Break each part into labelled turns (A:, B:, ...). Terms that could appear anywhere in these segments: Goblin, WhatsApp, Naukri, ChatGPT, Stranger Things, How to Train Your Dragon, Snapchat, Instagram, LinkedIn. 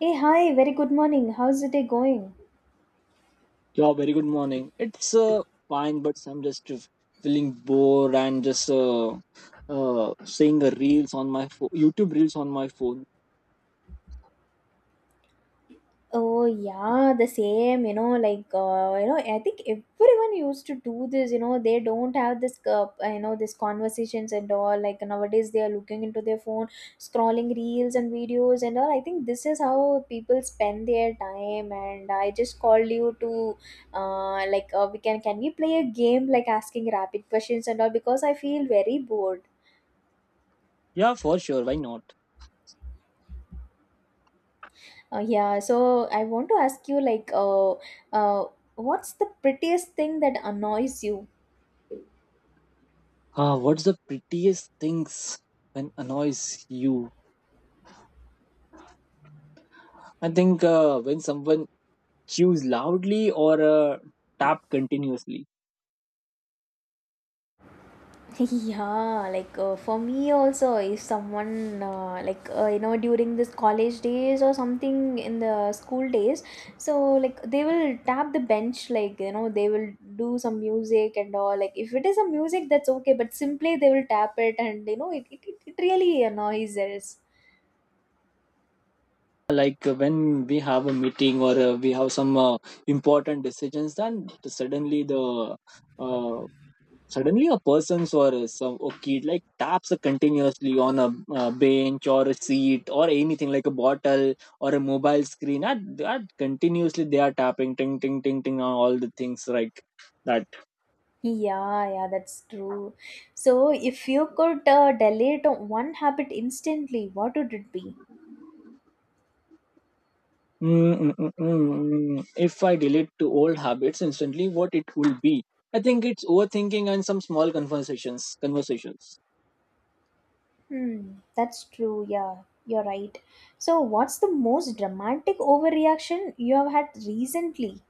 A: Hey, hi, very good morning. How's the day going?
B: Yeah, very good morning. It's fine, but I'm just feeling bored and just seeing the reels on my phone, YouTube reels on my phone.
A: Oh, yeah, the same, I think everyone used to do this, they don't have this, these conversations and all. Like, nowadays they are looking into their phone, scrolling reels and videos and all. I think this is how people spend their time. And I just called you to, can we play a game like asking rapid questions and all because I feel very bored.
B: Yeah, for sure. Why not?
A: Yeah, so I want to ask you like uh, what's the prettiest thing that annoys you?
B: What's the prettiest things when annoys you? I think, when someone chews loudly or tap continuously.
A: Yeah, like for me also, if someone you know, during this college days or something in the school days, so like they will tap the bench, like you know they will do some music and all. Like if it is a music, that's okay, but simply they will tap it, and you know it really annoys us.
B: Like, when we have a meeting or we have some important decisions, then uh, suddenly a person or a- some a kid like taps continuously on a bench or a seat or anything like a bottle or a mobile screen at that continuously they are tapping ting ting ting ting on all the things like that.
A: Yeah, yeah, that's true. So, if you could delete one habit instantly, what would it be?
B: Mm, mm, mm, mm, mm. if I delete to old habits instantly, what it will be? I think it's overthinking and some small conversations.
A: Hmm, that's true. Yeah, you're right. So, what's the most dramatic overreaction you have had recently?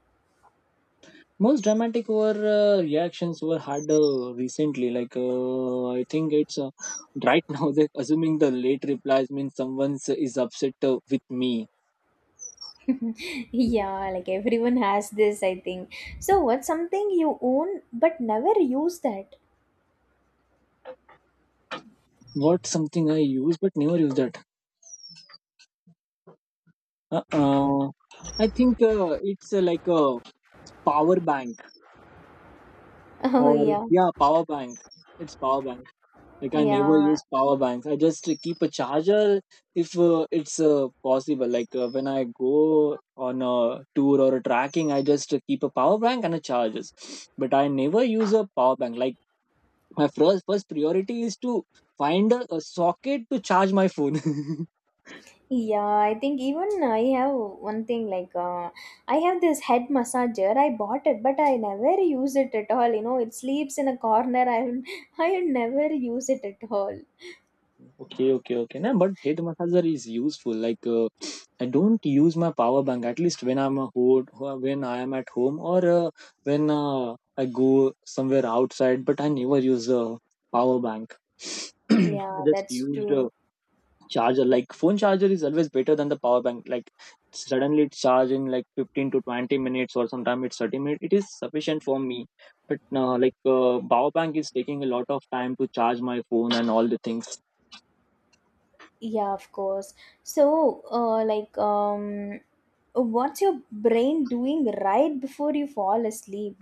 B: Most dramatic over reactions were had recently. Like, I think it's, right now they assuming the late replies means someone is upset with me.
A: Yeah, like everyone has this, I think. So, what's something you own but never use that?
B: What something I use but never use that? uh, uh, I think, it's, like a power bank.
A: Oh,
B: Or
A: yeah,
B: yeah, power bank. It's power bank. Like, I never
A: yeah.
B: use power banks. I just keep a charger if, it's possible. Like, when I go on a tour or a tracking, I just keep a power bank and a charges. But I never use a power bank. Like my first priority is to find a socket to charge my phone.
A: Yeah, I think even I have one thing like I have this head massager. I bought it, but I never use it at all. You know, it sleeps in a corner. I will never use it at all.
B: Okay, okay, okay. No, but head massager is useful. Like, I don't use my power bank at least when I am at home or when I go somewhere outside. But I never use a power bank. I
A: Yeah,
B: just
A: that's
B: used a
A: true.
B: charger. Like phone charger is always better than the power bank. Like suddenly it's charged in like 15 to 20 minutes, or sometimes it's 30 minutes. It is sufficient for me. But no, like, power bank is taking a lot of time to charge my phone and all the things.
A: Yeah, of course. So, what's your brain doing right before you fall asleep?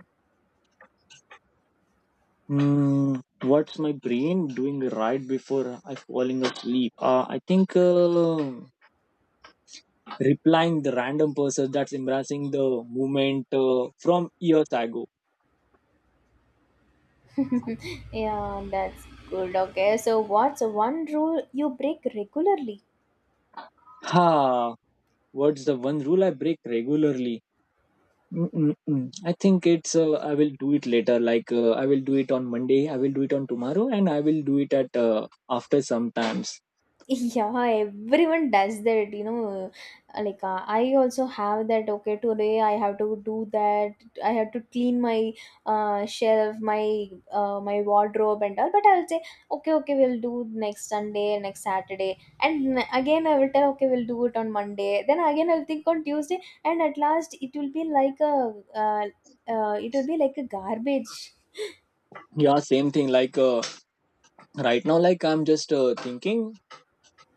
B: Mm, what's my brain doing right before I falling asleep? I think, replying the random person that's embracing the moment from years ago.
A: Yeah, that's good. Okay, so what's one rule you break regularly?
B: Ha! What's the one rule I break regularly? Mm-mm-mm. I think it's, I will do it later. Like, I will do it on Monday. I will do it on tomorrow, and I will do it at, after sometimes.
A: Yeah, everyone does that, you know. Like, I also have that. Okay, today I have to do that. I have to clean my shelf, my wardrobe, and all. But I'll say, okay, okay, we'll do next Sunday, next Saturday, and again I will tell, okay, we'll do it on Monday. Then again I'll think on Tuesday, and at last it will be like a uh, it will be like a garbage.
B: Yeah, same thing. Like, right now, like I'm just thinking.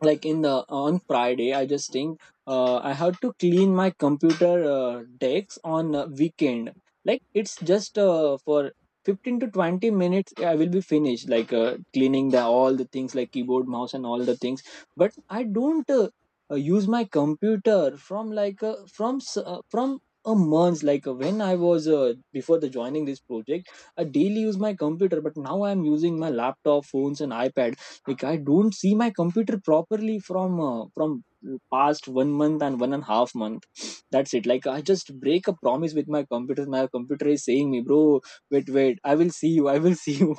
B: Like in the on Friday I just think, I have to clean my computer, decks on weekend. Like it's just for 15 to 20 minutes I will be finished, like cleaning the all the things like keyboard, mouse, and all the things. But I don't, use my computer from like, from s- from a month. Like, when I was, before the joining this project, I daily use my computer, but now I'm using my laptop, phones, and iPad. Like I don't see my computer properly from past 1 month and 1.5 month. That's it. Like I just break a promise with my computer. My computer is saying me, bro, wait, wait, I will see you. I will see you.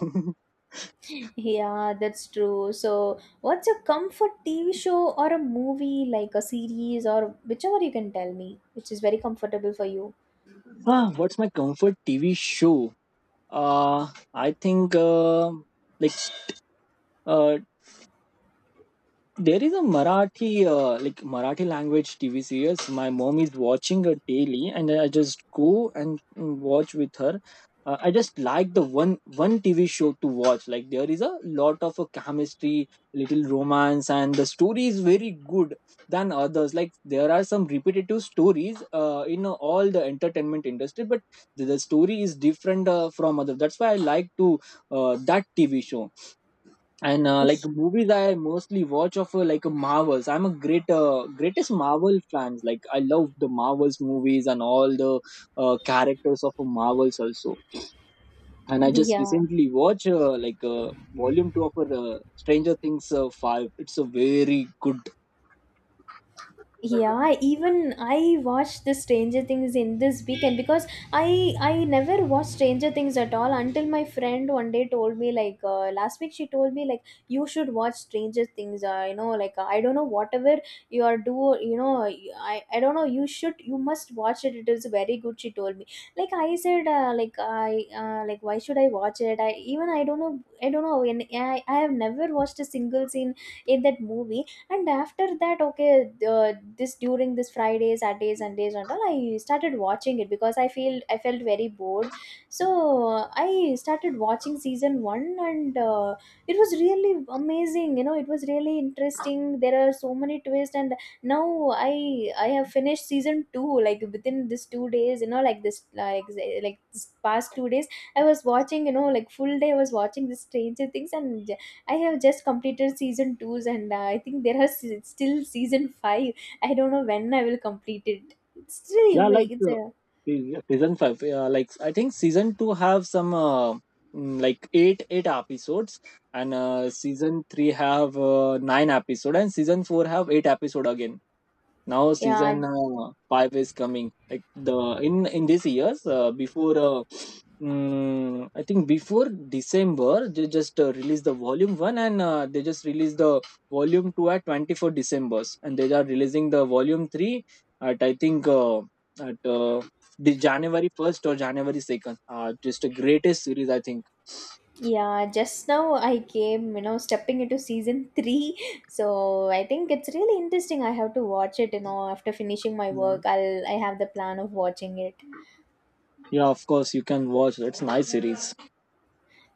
A: Yeah, that's true. So, what's a comfort TV show or a movie, like a series or whichever you can tell me, which is very comfortable for you?
B: Ah, what's my comfort TV show? I think, like, uh, there is a Marathi, like Marathi language TV series. My mom is watching it daily, and I just go and, watch with her. I just like the one TV show to watch. Like there is a lot of chemistry, little romance, and the story is very good than others. Like there are some repetitive stories in all the entertainment industry, but the story is different from others. That's why I like to, that TV show. And, like, movies I mostly watch of, like, Marvels. I'm a great, greatest Marvel fans. Like I love the Marvels movies and all the characters of Marvels also. And I just
A: Yeah.
B: recently watched, like, volume 2 of, Stranger Things, 5. It's a very good.
A: Yeah, even I watched the Stranger Things in this weekend because I never watched Stranger Things at all until my friend one day told me like last week she told me like you should watch Stranger Things. You know, like I don't know whatever you are, do you know, I don't know, you should, you must watch it, it is very good, she told me. Like I said, like why should I watch it, I even, I don't know, I don't know. And I have never watched a single scene in that movie. And after that, okay, this during this Friday, Saturdays, Sundays and all, I started watching it because I felt very bored. So I started watching season 1, and it was really amazing, you know, it was really interesting, there are so many twists. And now I have finished season 2 like within this 2 days, you know, like this past 2 days, I was watching, you know, like full day I was watching this Stranger Things. And I have just completed season two's, and I think there are still season 5. I don't know when I will complete it. It's still
B: Yeah, like,
A: it's a
B: yeah, season 5, like I think season 2 have some, mm, like 8 8 episodes, and, season 3 have, 9 episode, and season 4 have 8 episode again. Now
A: yeah,
B: season, 5 is coming, like the in this years, before, mm, I think before December they just, released the volume 1. And, they just released the volume 2 at 24 Decembers, and they are releasing the volume 3 at, I think, at, the January 1st or January 2nd. Just a greatest series, I think.
A: yeah, just now I came, you know, stepping into season 3, so I think it's really interesting, I have to watch it, you know, after finishing my
B: Yeah.
A: work I have the plan of watching it.
B: Yeah, of course you can watch. It's nice series.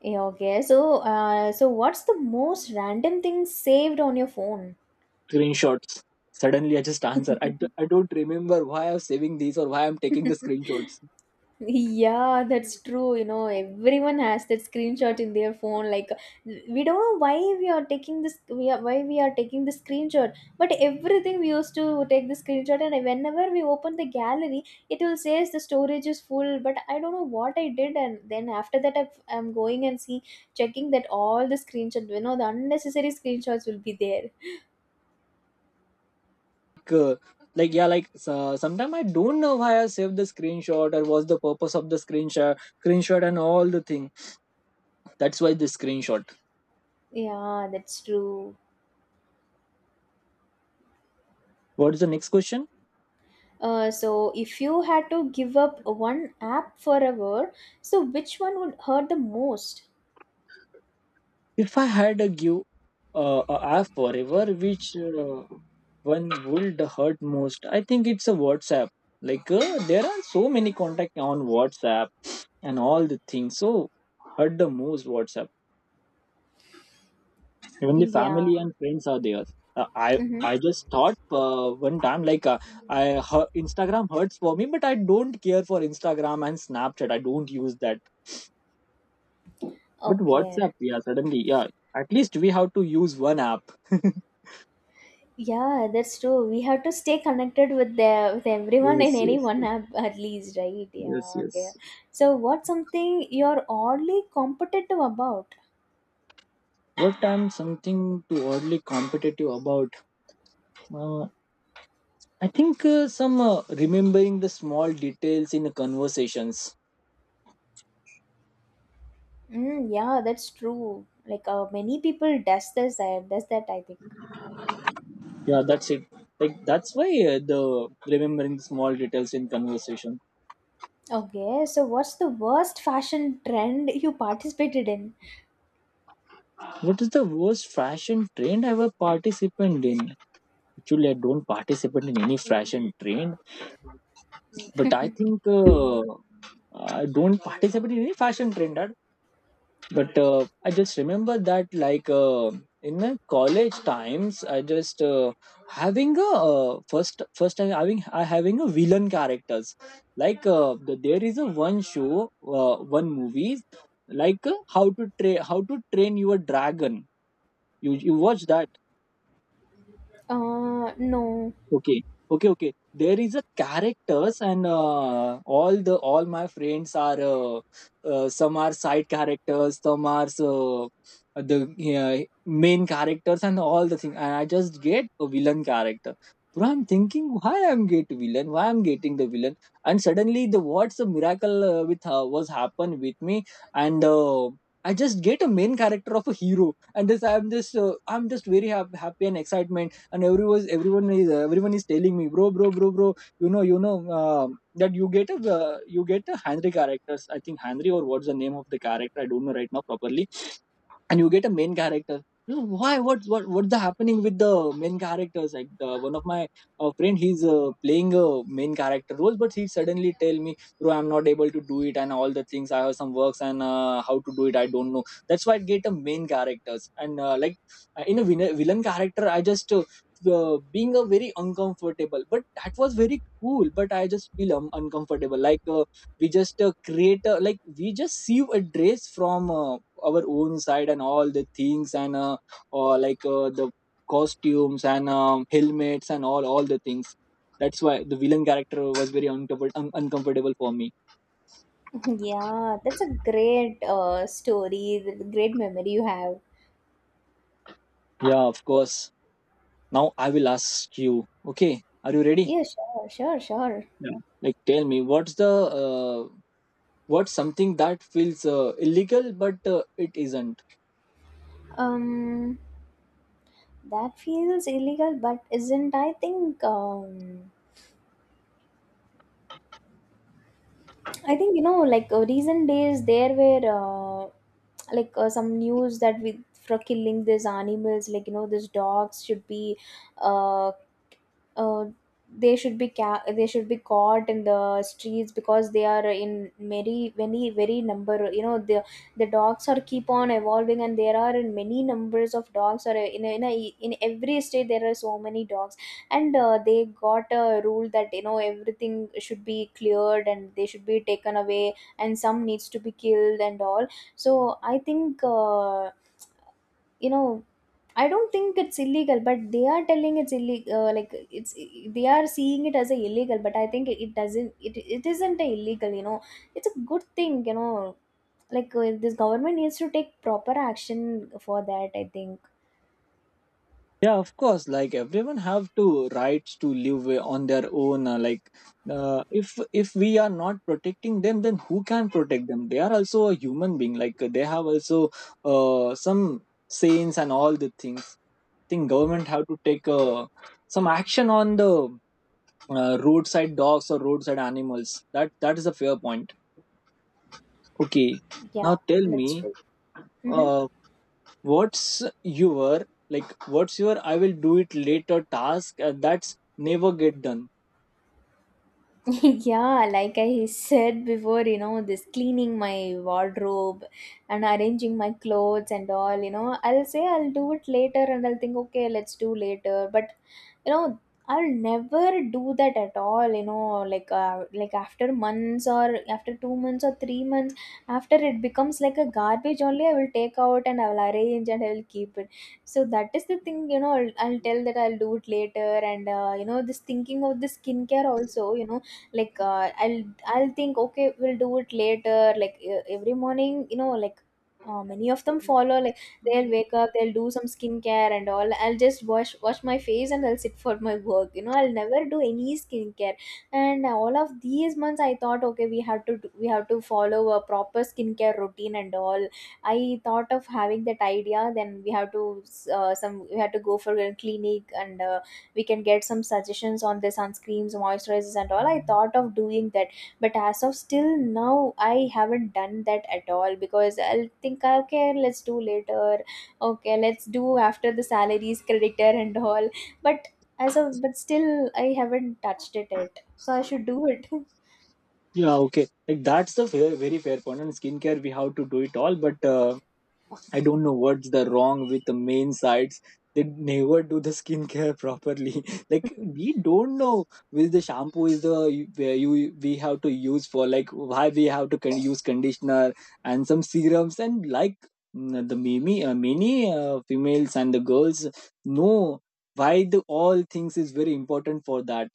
A: Yeah, okay. So what's the most random thing saved on your phone?
B: Screenshots. Suddenly, I just answer. I don't remember why I'm saving these or why I'm taking the screenshots.
A: Yeah, that's true. You know, everyone has that screenshot in their phone. Like, we don't know why we are taking this. We are Why we are taking the screenshot. But everything we used to take the screenshot, and whenever we open the gallery, it will says the storage is full. But I don't know what I did, and then after that, I'm going and see checking that all the screenshot. You know, the unnecessary screenshots will be there.
B: Like, like, yeah, like, so sometimes I don't know why I saved the screenshot, or what's the purpose of the screenshot and all the thing. That's why the screenshot.
A: Yeah, that's true.
B: What is the next question?
A: So if you had to give up one app forever, so which one would hurt the most?
B: If I had a give, a app forever, which, one would hurt most? I think it's a WhatsApp. Like, there are so many contact on WhatsApp and all the things. So, hurt the most WhatsApp. Only
A: Yeah.
B: family and friends are there. uh, i
A: Mm-hmm.
B: I just thought, one time, like, i Instagram hurts for me, but I don't care for Instagram and Snapchat, I don't use that. But
A: Okay.
B: WhatsApp, yeah, suddenly, yeah, at least we have to use one app.
A: Yeah, that's true. We have to stay connected with the with everyone
B: Yes,
A: in any
B: yes,
A: one
B: yes,
A: app at least, right?
B: yes,
A: Yeah. Okay.
B: yes.
A: So what's something you're oddly competitive about?
B: What I'm something too oddly competitive about? uh, I think, some, remembering the small details in the conversations.
A: Mm, yeah, that's true. Like many people does this, I does that, I think.
B: Yeah, that's it. Like that's why, the remembering small details in conversation.
A: Okay. So what's the worst fashion trend you participated in?
B: What is the worst fashion trend I ever participated in? Actually, I don't participate in any fashion trend, but I think, I don't participate in any fashion trend at. But, I just remember that. Like, in my college times I just, having a, first time having a villain characters. Like, there is a one show, one movie, like, how to train your dragon, you watch that?
A: No.
B: Okay, okay, okay. There is a characters, and all my friends are, some are side characters, some are, the, main characters and all the thing. And I just get a villain character. Bro, I'm thinking why I'm get villain, why I'm getting the villain, and suddenly the what's a miracle, with, was happened with me, and, I just get a main character of a hero. And this I'm just very happy and excitement. And everyone is telling me, bro, bro, bro, bro, you know, you know, that you get a, you get a Henry characters, I think Henry, or what's the name of the character, I don't know right now properly. And you get a main character. You know why? What? What? What's the happening with the main characters? Like one of my, friend, he's, playing a main character role, but he suddenly tell me, "Bro, I'm not able to do it, and all the things. I have some works, and, how to do it, I don't know." That's why I get a main characters, and, like, in a villain character, I just, being a very uncomfortable. But that was very cool. But I just feel, uncomfortable. Like, we just, create a, like we just see a dress from. Our own side and all the things, and, like, the costumes, and, helmets, and all the things. That's why the villain character was very uncomfortable for me.
A: Yeah, that's a great story, great memory you have.
B: Yeah, of course. Now I will ask you. Okay, are you ready?
A: Yeah, sure, sure, sure.
B: Like tell me, uh, what's something that feels, illegal, but, it isn't?
A: Um, that feels illegal, but isn't? I think, I think, you know, like recent days there were some news that we, for killing these animals, like you know, these dogs should be uh uh, they should be they should be caught in the streets because they are in many many very number, you know, the dogs are keep on evolving, and there are in many numbers of dogs, or in every state there are so many dogs. And they got a rule that, you know, everything should be cleared and they should be taken away, and some needs to be killed and all. So I think, you know, I don't think it's illegal, but they are telling it's illegal. Like it's, they are seeing it as a illegal, but I think it, doesn't, it isn't a illegal. You know, it's a good thing. You know, like this government needs to take proper action for that, I think.
B: Yeah, of course, like everyone have to rights to live, on their own. Like, if we are not protecting them, then who can protect them? They are also a human being. Like, they have also, some sayings and all the things. Think government have to take, some action on the, roadside dogs or roadside animals. That is a fair point. Okay.
A: Yeah,
B: Now tell
A: that's
B: me,
A: true. Hmm.
B: uh, what's your like? What's your "I will do it later" task, that's never get done?
A: Yeah, like I said before, you know, this cleaning my wardrobe and arranging my clothes and all, you know, I'll say I'll do it later, and I'll think, okay, let's do later. But, you know, I'll never do that at all, you know, like after months or after 2 months or 3 months, after it becomes like a garbage only, I will take out and I will arrange and I will keep it. So that is the thing, you know, I'll tell that I'll do it later. And, you know, this thinking of the skincare also, you know, like I'll think, okay, we'll do it later, like every morning, you know, like many of them follow like they'll wake up, they'll do some skincare and all, I'll just wash my face and I'll sit for my work, you know, I'll never do any skincare. And all of these months I thought, okay, we have to follow a proper skincare routine and all. I thought of having that idea, then we have to some we had to go for a clinic, and we can get some suggestions on the sunscreens, moisturizers and all. I thought of doing that, but as of still now I haven't done that at all, because I'll think, okay, let's do later, okay, let's do after the salaries creditor and all. But as of but still I haven't touched it yet, so I should do it.
B: Yeah, okay. Like that's the fair, very fair point. On skincare, we have to do it all, but I don't know what's the wrong with the main sites. They never do the skincare properly. Like we don't know which the shampoo is the where you we have to use for like why we have to use conditioner and some serums and like, the many many females and the girls know why the all things is very important for that.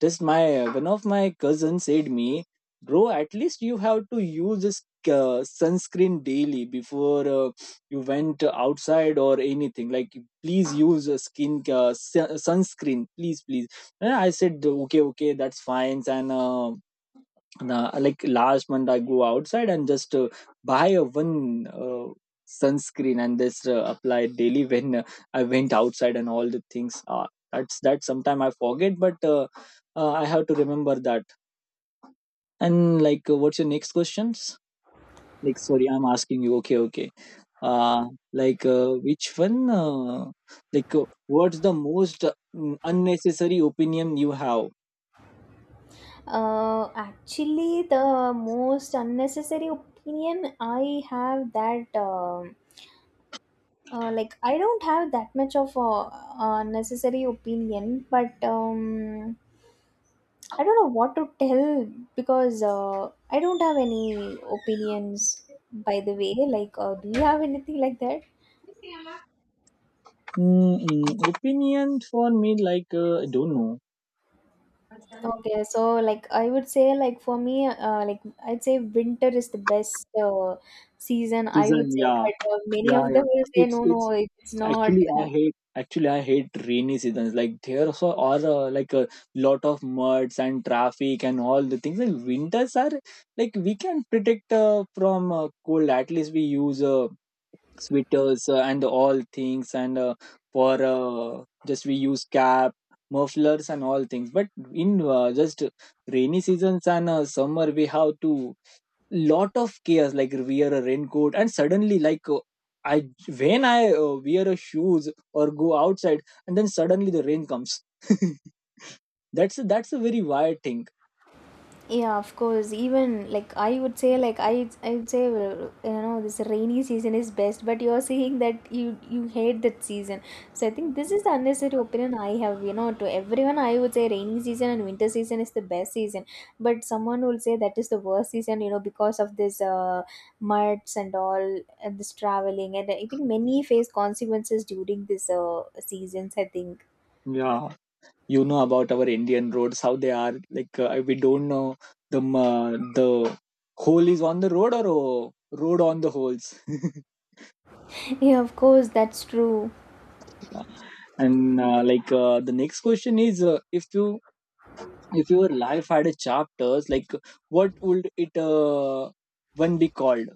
B: Just my one of my cousins said me, bro, at least you have to use this sunscreen daily before you went outside or anything, like please use a skin sunscreen, please please. And I said, okay, okay, that's fine. And nah, like last month, I go outside and just buy a one sunscreen, and just apply it daily when I went outside and all the things. That's that. Sometime I forget, but I have to remember that. And like, what's your next questions? Like, sorry, I'm asking you. Okay, okay. Uh, like, which one? Like, what's the most unnecessary opinion you have?
A: Uh, actually the most unnecessary opinion I have, that um, like I don't have that much of a, uh, necessary opinion. But I don't know what to tell, because I don't have any opinions, by the way. Like do you have anything like that?
B: Opinion for me, like, I don't know.
A: Okay, so like I would say, like for me, I'd say winter is the best season, I
B: Season,
A: would say,
B: yeah.
A: but many
B: Yeah,
A: of
B: yeah.
A: them will say
B: it's
A: no,
B: it's
A: no, it's not.
B: actually I hate, actually I hate rainy seasons. Like there also are, like a lot of muds and traffic and all the things. Like winters are like we can protect from cold, at least we use sweaters and all things. And for just we use cap, mufflers and all things. But in just rainy seasons and summer, we have to lot of chaos, like wear a raincoat, and suddenly like I when I wear a shoes or go outside, and then suddenly the rain comes. That's a very wild thing.
A: Yeah, of course. Even like I would say, like I would say, well, you know, this rainy season is best. But you're saying that you hate that season. So I think this is the unnecessary opinion I have. You know, to everyone, I would say rainy season and winter season is the best season. But someone will say that is the worst season. You know, because of this muds and all, and this traveling, and I think many face consequences during this seasons, I think.
B: Yeah, you know about our Indian roads how they are, like we don't know the the hole is on the road or road on the holes.
A: Yeah, of course, that's true.
B: And the next question is, if you, if your life had a chapters, like what would it one be called?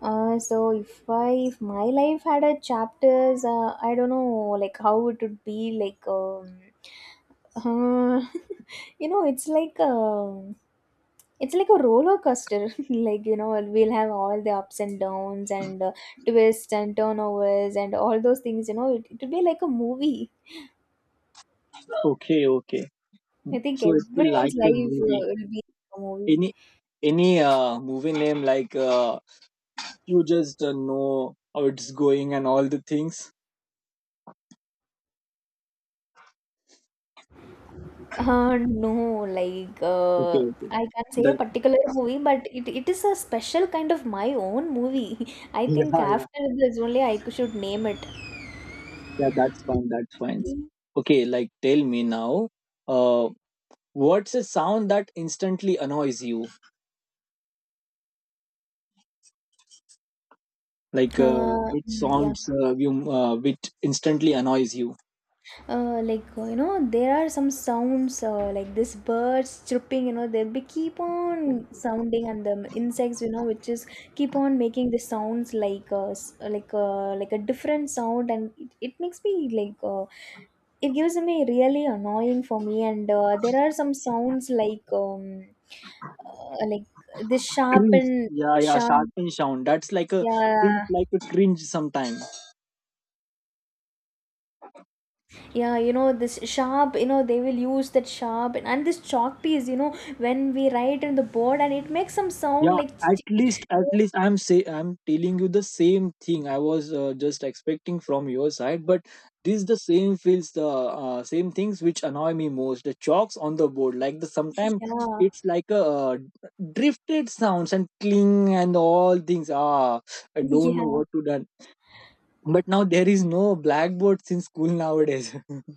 A: So if I if my life had a chapters, I don't know like how it would be like uh, you know it's like um it's like a roller coaster like you know we'll have all the ups and downs and twists and turnovers and all those things it would be like a movie.
B: Okay, okay.
A: I think
B: So it will
A: everyone's
B: like a
A: life
B: movie.
A: will be a movie.
B: Any any movie name, like you just know how it's going and all the things.
A: No,
B: Okay, okay.
A: I can't say a
B: Then
A: particular movie, but it is a special kind of my own movie. I think
B: yeah, yeah,
A: after this only I should name it.
B: yeah. That's fine. That's fine. Okay, like tell me now. Uh, what's a sound that instantly annoys you? Like
A: Uh,
B: which
A: mm, yeah.
B: sounds you which instantly annoys you?
A: You know there are some sounds like this birds chirping, you know they be keep on sounding, and the insects, you know, which is keep on making the sounds like like a different sound, and it makes me like it gives me really annoying for me. And there are some sounds like uh, like this sharp
B: Cringe.
A: and
B: Yeah, yeah.
A: sharp,
B: Sharpening sound. That's like a feels
A: yeah.
B: like a cringe sometimes.
A: Yeah, you know this sharp, you know they will use that sharp, and this chalk piece, you know, when we write in the board, and it makes some
B: Yeah,
A: sound like,
B: at least, at least, I'm say, I'm telling you the same thing. I was just expecting from your side, but this the same feels the same things which annoy me most, the chalks on the board. Like the sometimes
A: yeah,
B: it's like a drifted sounds and cling and all things, ah, I don't know what
A: yeah.
B: to done. But now there is no blackboard since school nowadays.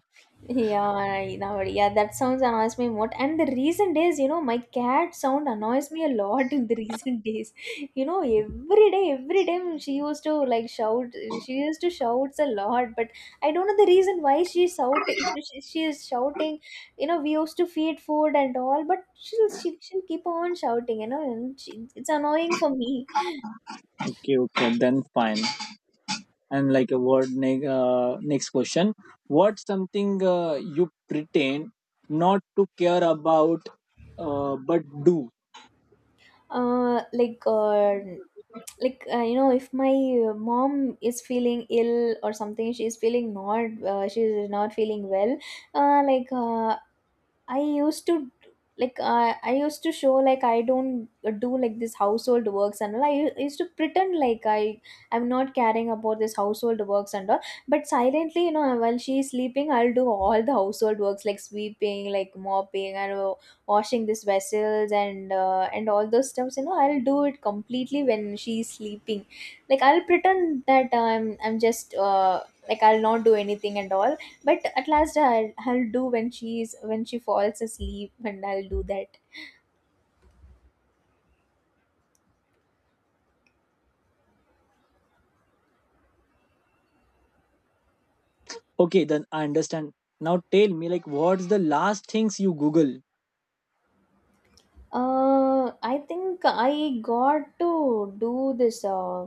A: Yeah, I know. Yeah, that sounds annoys me more. And the recent days, you know, my cat sound annoys me a lot in the recent days. You know, every day, every time she used to like shout. She used to shouts a lot, but I don't know the reason why she shout. She is shouting. You know, we used to feed food and all, but she'll keep on shouting. You know, and she, it's annoying for me.
B: Okay, okay, then fine. And like a next question, what's something you pretend not to care about, but do?
A: Uh, like uh, you know, if my mom is feeling ill or something, she's feeling not she's not feeling well, uh, like uh, I used to like I used to show like I don't do like this household works and all. I used to pretend like I'm not caring about this household works and all. But silently, you know, while she's sleeping, I'll do all the household works like sweeping, like mopping, and washing these vessels and and all those stuffs. You know, I'll do it completely when she's sleeping. Like I'll pretend that I'm just I'll not do anything and all, but at last I'll do when she falls asleep, and I'll do that.
B: Okay, then I understand. Now tell me, like what's the last things you google?
A: I think I got to do this uh,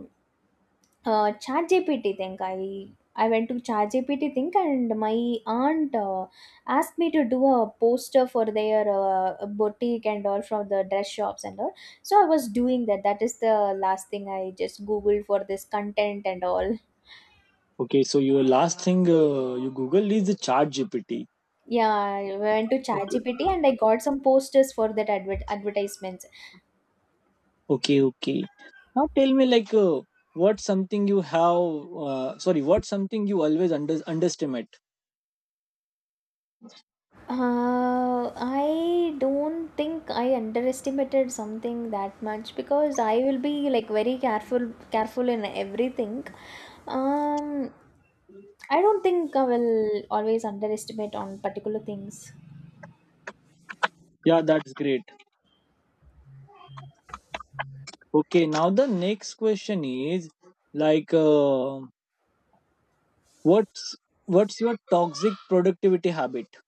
A: uh chat GPT thing. I went to chat GPT thing, and my aunt asked me to do a poster for their boutique and all, from the dress shops and all. So I was doing that. That is the last thing I just googled, for this content and all.
B: Okay, so your last thing you google is the ChatGPT.
A: Yeah, I went to ChatGPT
B: Okay,
A: and I got some posters for that advertisements.
B: okay, okay, now tell me, like what's something you have, sorry, what's something you always underestimate?
A: I don't think I underestimated something that much, because I will be like very careful, careful, in everything. Um, I don't think I will always underestimate on particular things.
B: Yeah, that's great. Okay, now the next question is, like what's what's your toxic productivity habit?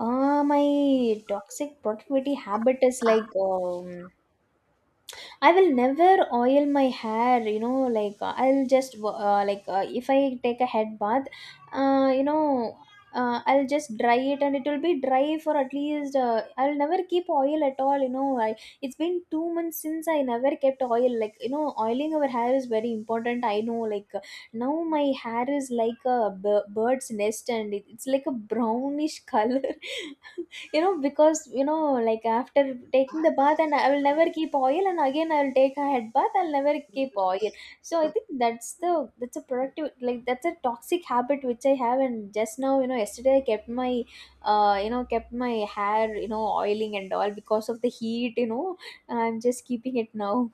A: My toxic productivity habit is like, I will never oil my hair, you know, like I'll just if I take a head bath, uh, you know, I'll just dry it and it will be dry for at least, I'll never keep oil at all, you know. It's been 2 months since I never kept oil. Like, you know, oiling our hair is very important. I know, like now my hair is like a bird's nest, and it's like a brownish color. You know, because you know, like, after taking the bath, and I will never keep oil, and again I'll take a head bath, I'll never keep oil. So I think that's a productive like that's a toxic habit which I have. And just now, you know, yesterday I kept my you know, kept my hair, you know, oiling and all, because of the heat, you know. I'm just keeping it now.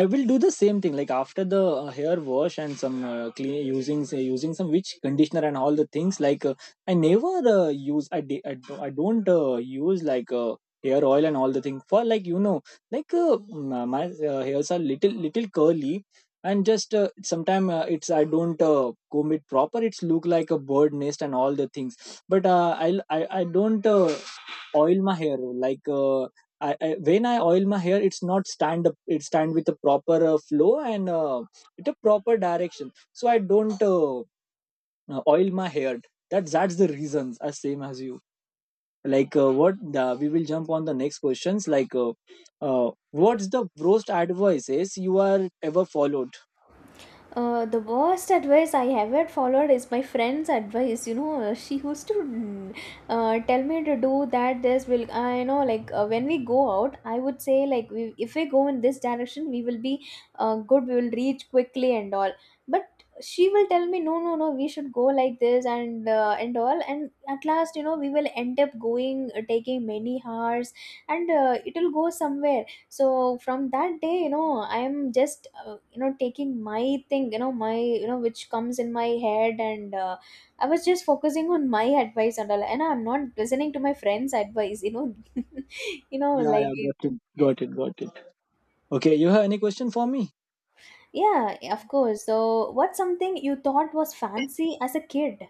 B: I will do the same thing, like after the hair wash and some clean using, say, using some witch conditioner and all the things. Like I never use I di- I, do- I don't use like hair oil and all the thing, for like you know, like my hairs are little little curly, and just sometime it's I don't comb it proper, it's look like a bird nest and all the things. But I don't oil my hair, like I when I oil my hair, it's not stand up. It stand with a proper flow and it a proper direction. So I don't oil my hair. That's the reasons. As same as you. Like what the, we will jump on the next questions. Like what's the worst advices you are ever followed?
A: The worst advice I ever followed is my friend's advice. You know, she used to tell me to do that. This will, I know, like when we go out, I would say like we, if we go in this direction, we will be good. We will reach quickly and all. But she will tell me no, no, no. We should go like this, and and all. And at last, you know, we will end up going, taking many hours, and it will go somewhere. So from that day, you know, I am just you know, taking my thing, you know, my, you know, which comes in my head. And I was just focusing on my advice and all, and I'm not listening to my friends advice, you know. You know,
B: Yeah,
A: like
B: yeah,
A: it,
B: got it, got it, got it. Okay, you have any question for me?
A: yeah, of course. So what's something you thought was fancy as a kid?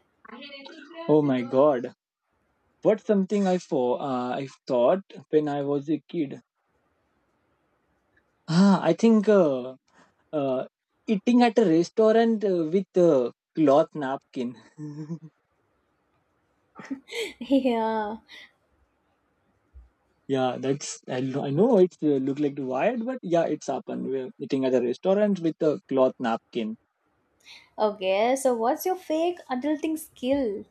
B: Oh my god. What's something I for I thought when I was a kid? Ah, I think uh, eating at a restaurant with a cloth napkin.
A: Yeah.
B: Yeah, that's I, I know it look like wired, but yeah, it's happened. We're eating at a restaurant with a cloth napkin.
A: Okay, so what's your fake adulting skill?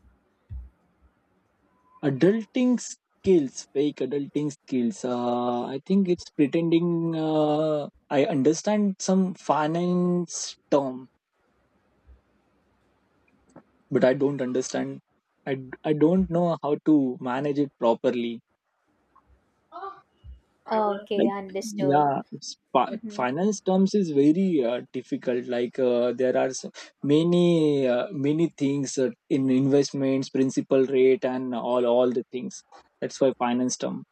B: Adulting skills, fake adulting skills. I think it's pretending. I understand some finance term, but I don't understand. I, I don't know how to manage it properly,
A: Okay,
B: like
A: understood.
B: yeah it's,
A: Mhm.
B: finance terms is very difficult. Like there are so many many things in investments, principal rate and all the things. That's why finance term.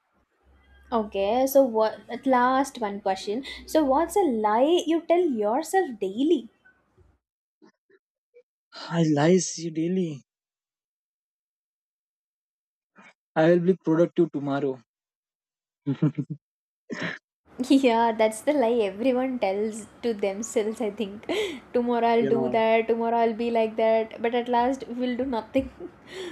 A: Okay, so what, at last one question. So what's a lie you tell yourself daily?
B: I lies you daily, I will be productive tomorrow.
A: Yeah, that's the lie everyone tells to themselves, I think. Tomorrow I'll do
B: Yeah,
A: that, tomorrow I'll be like that, but at last we'll do nothing.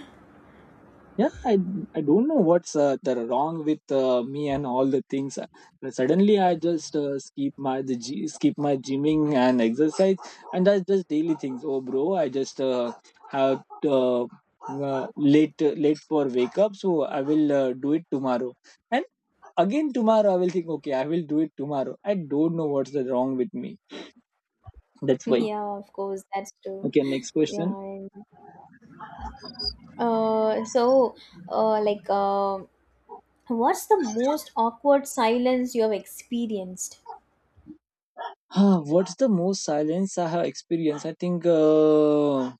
B: yeah, I don't know what's the wrong with me and all the things. But suddenly I just skip my skip my gymming and exercise. And that's just daily things. Oh bro, I just have uh, uh, late late for wake up, so I will do it tomorrow. And again tomorrow I will think, okay, I will do it tomorrow. I don't know what's the wrong with me. That's why.
A: Yeah, of course, that's true.
B: Okay, next
A: Yeah.
B: question.
A: And— Uh, so, uh, like, uh, what's the most awkward silence you have experienced?
B: Ah, what's the most silence I have experienced? I think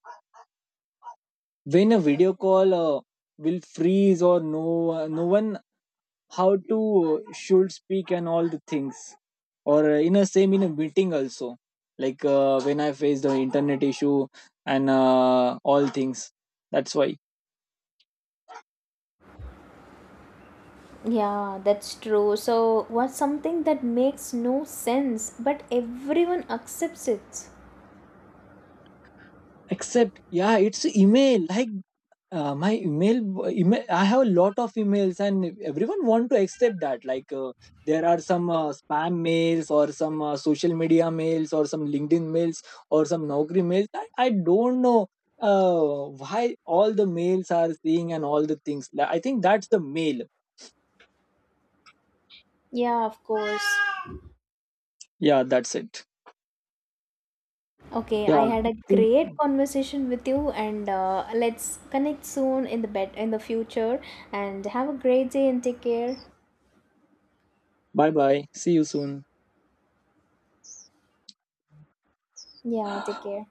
B: when a video call will freeze, or no, no one how to should speak and all the things, or in a same in a meeting also, like when I faced the internet issue and all things. That's why.
A: Yeah, that's true. So, what's something that makes no sense, but everyone accepts it?
B: Except, yeah, it's email. Like my email, email, I have a lot of emails and everyone want to accept that. Like there are some spam mails, or some social media mails, or some LinkedIn mails, or some Naukri mails. I don't know uh, why all the mails are seeing and all the things. I think that's the mail.
A: Yeah, of course.
B: Yeah, that's it.
A: Okay,
B: Yeah,
A: I had
B: I
A: a
B: think—
A: great conversation with you, and let's connect soon in the future. And have a great day and take care.
B: bye bye, see you soon.
A: Yeah, take care.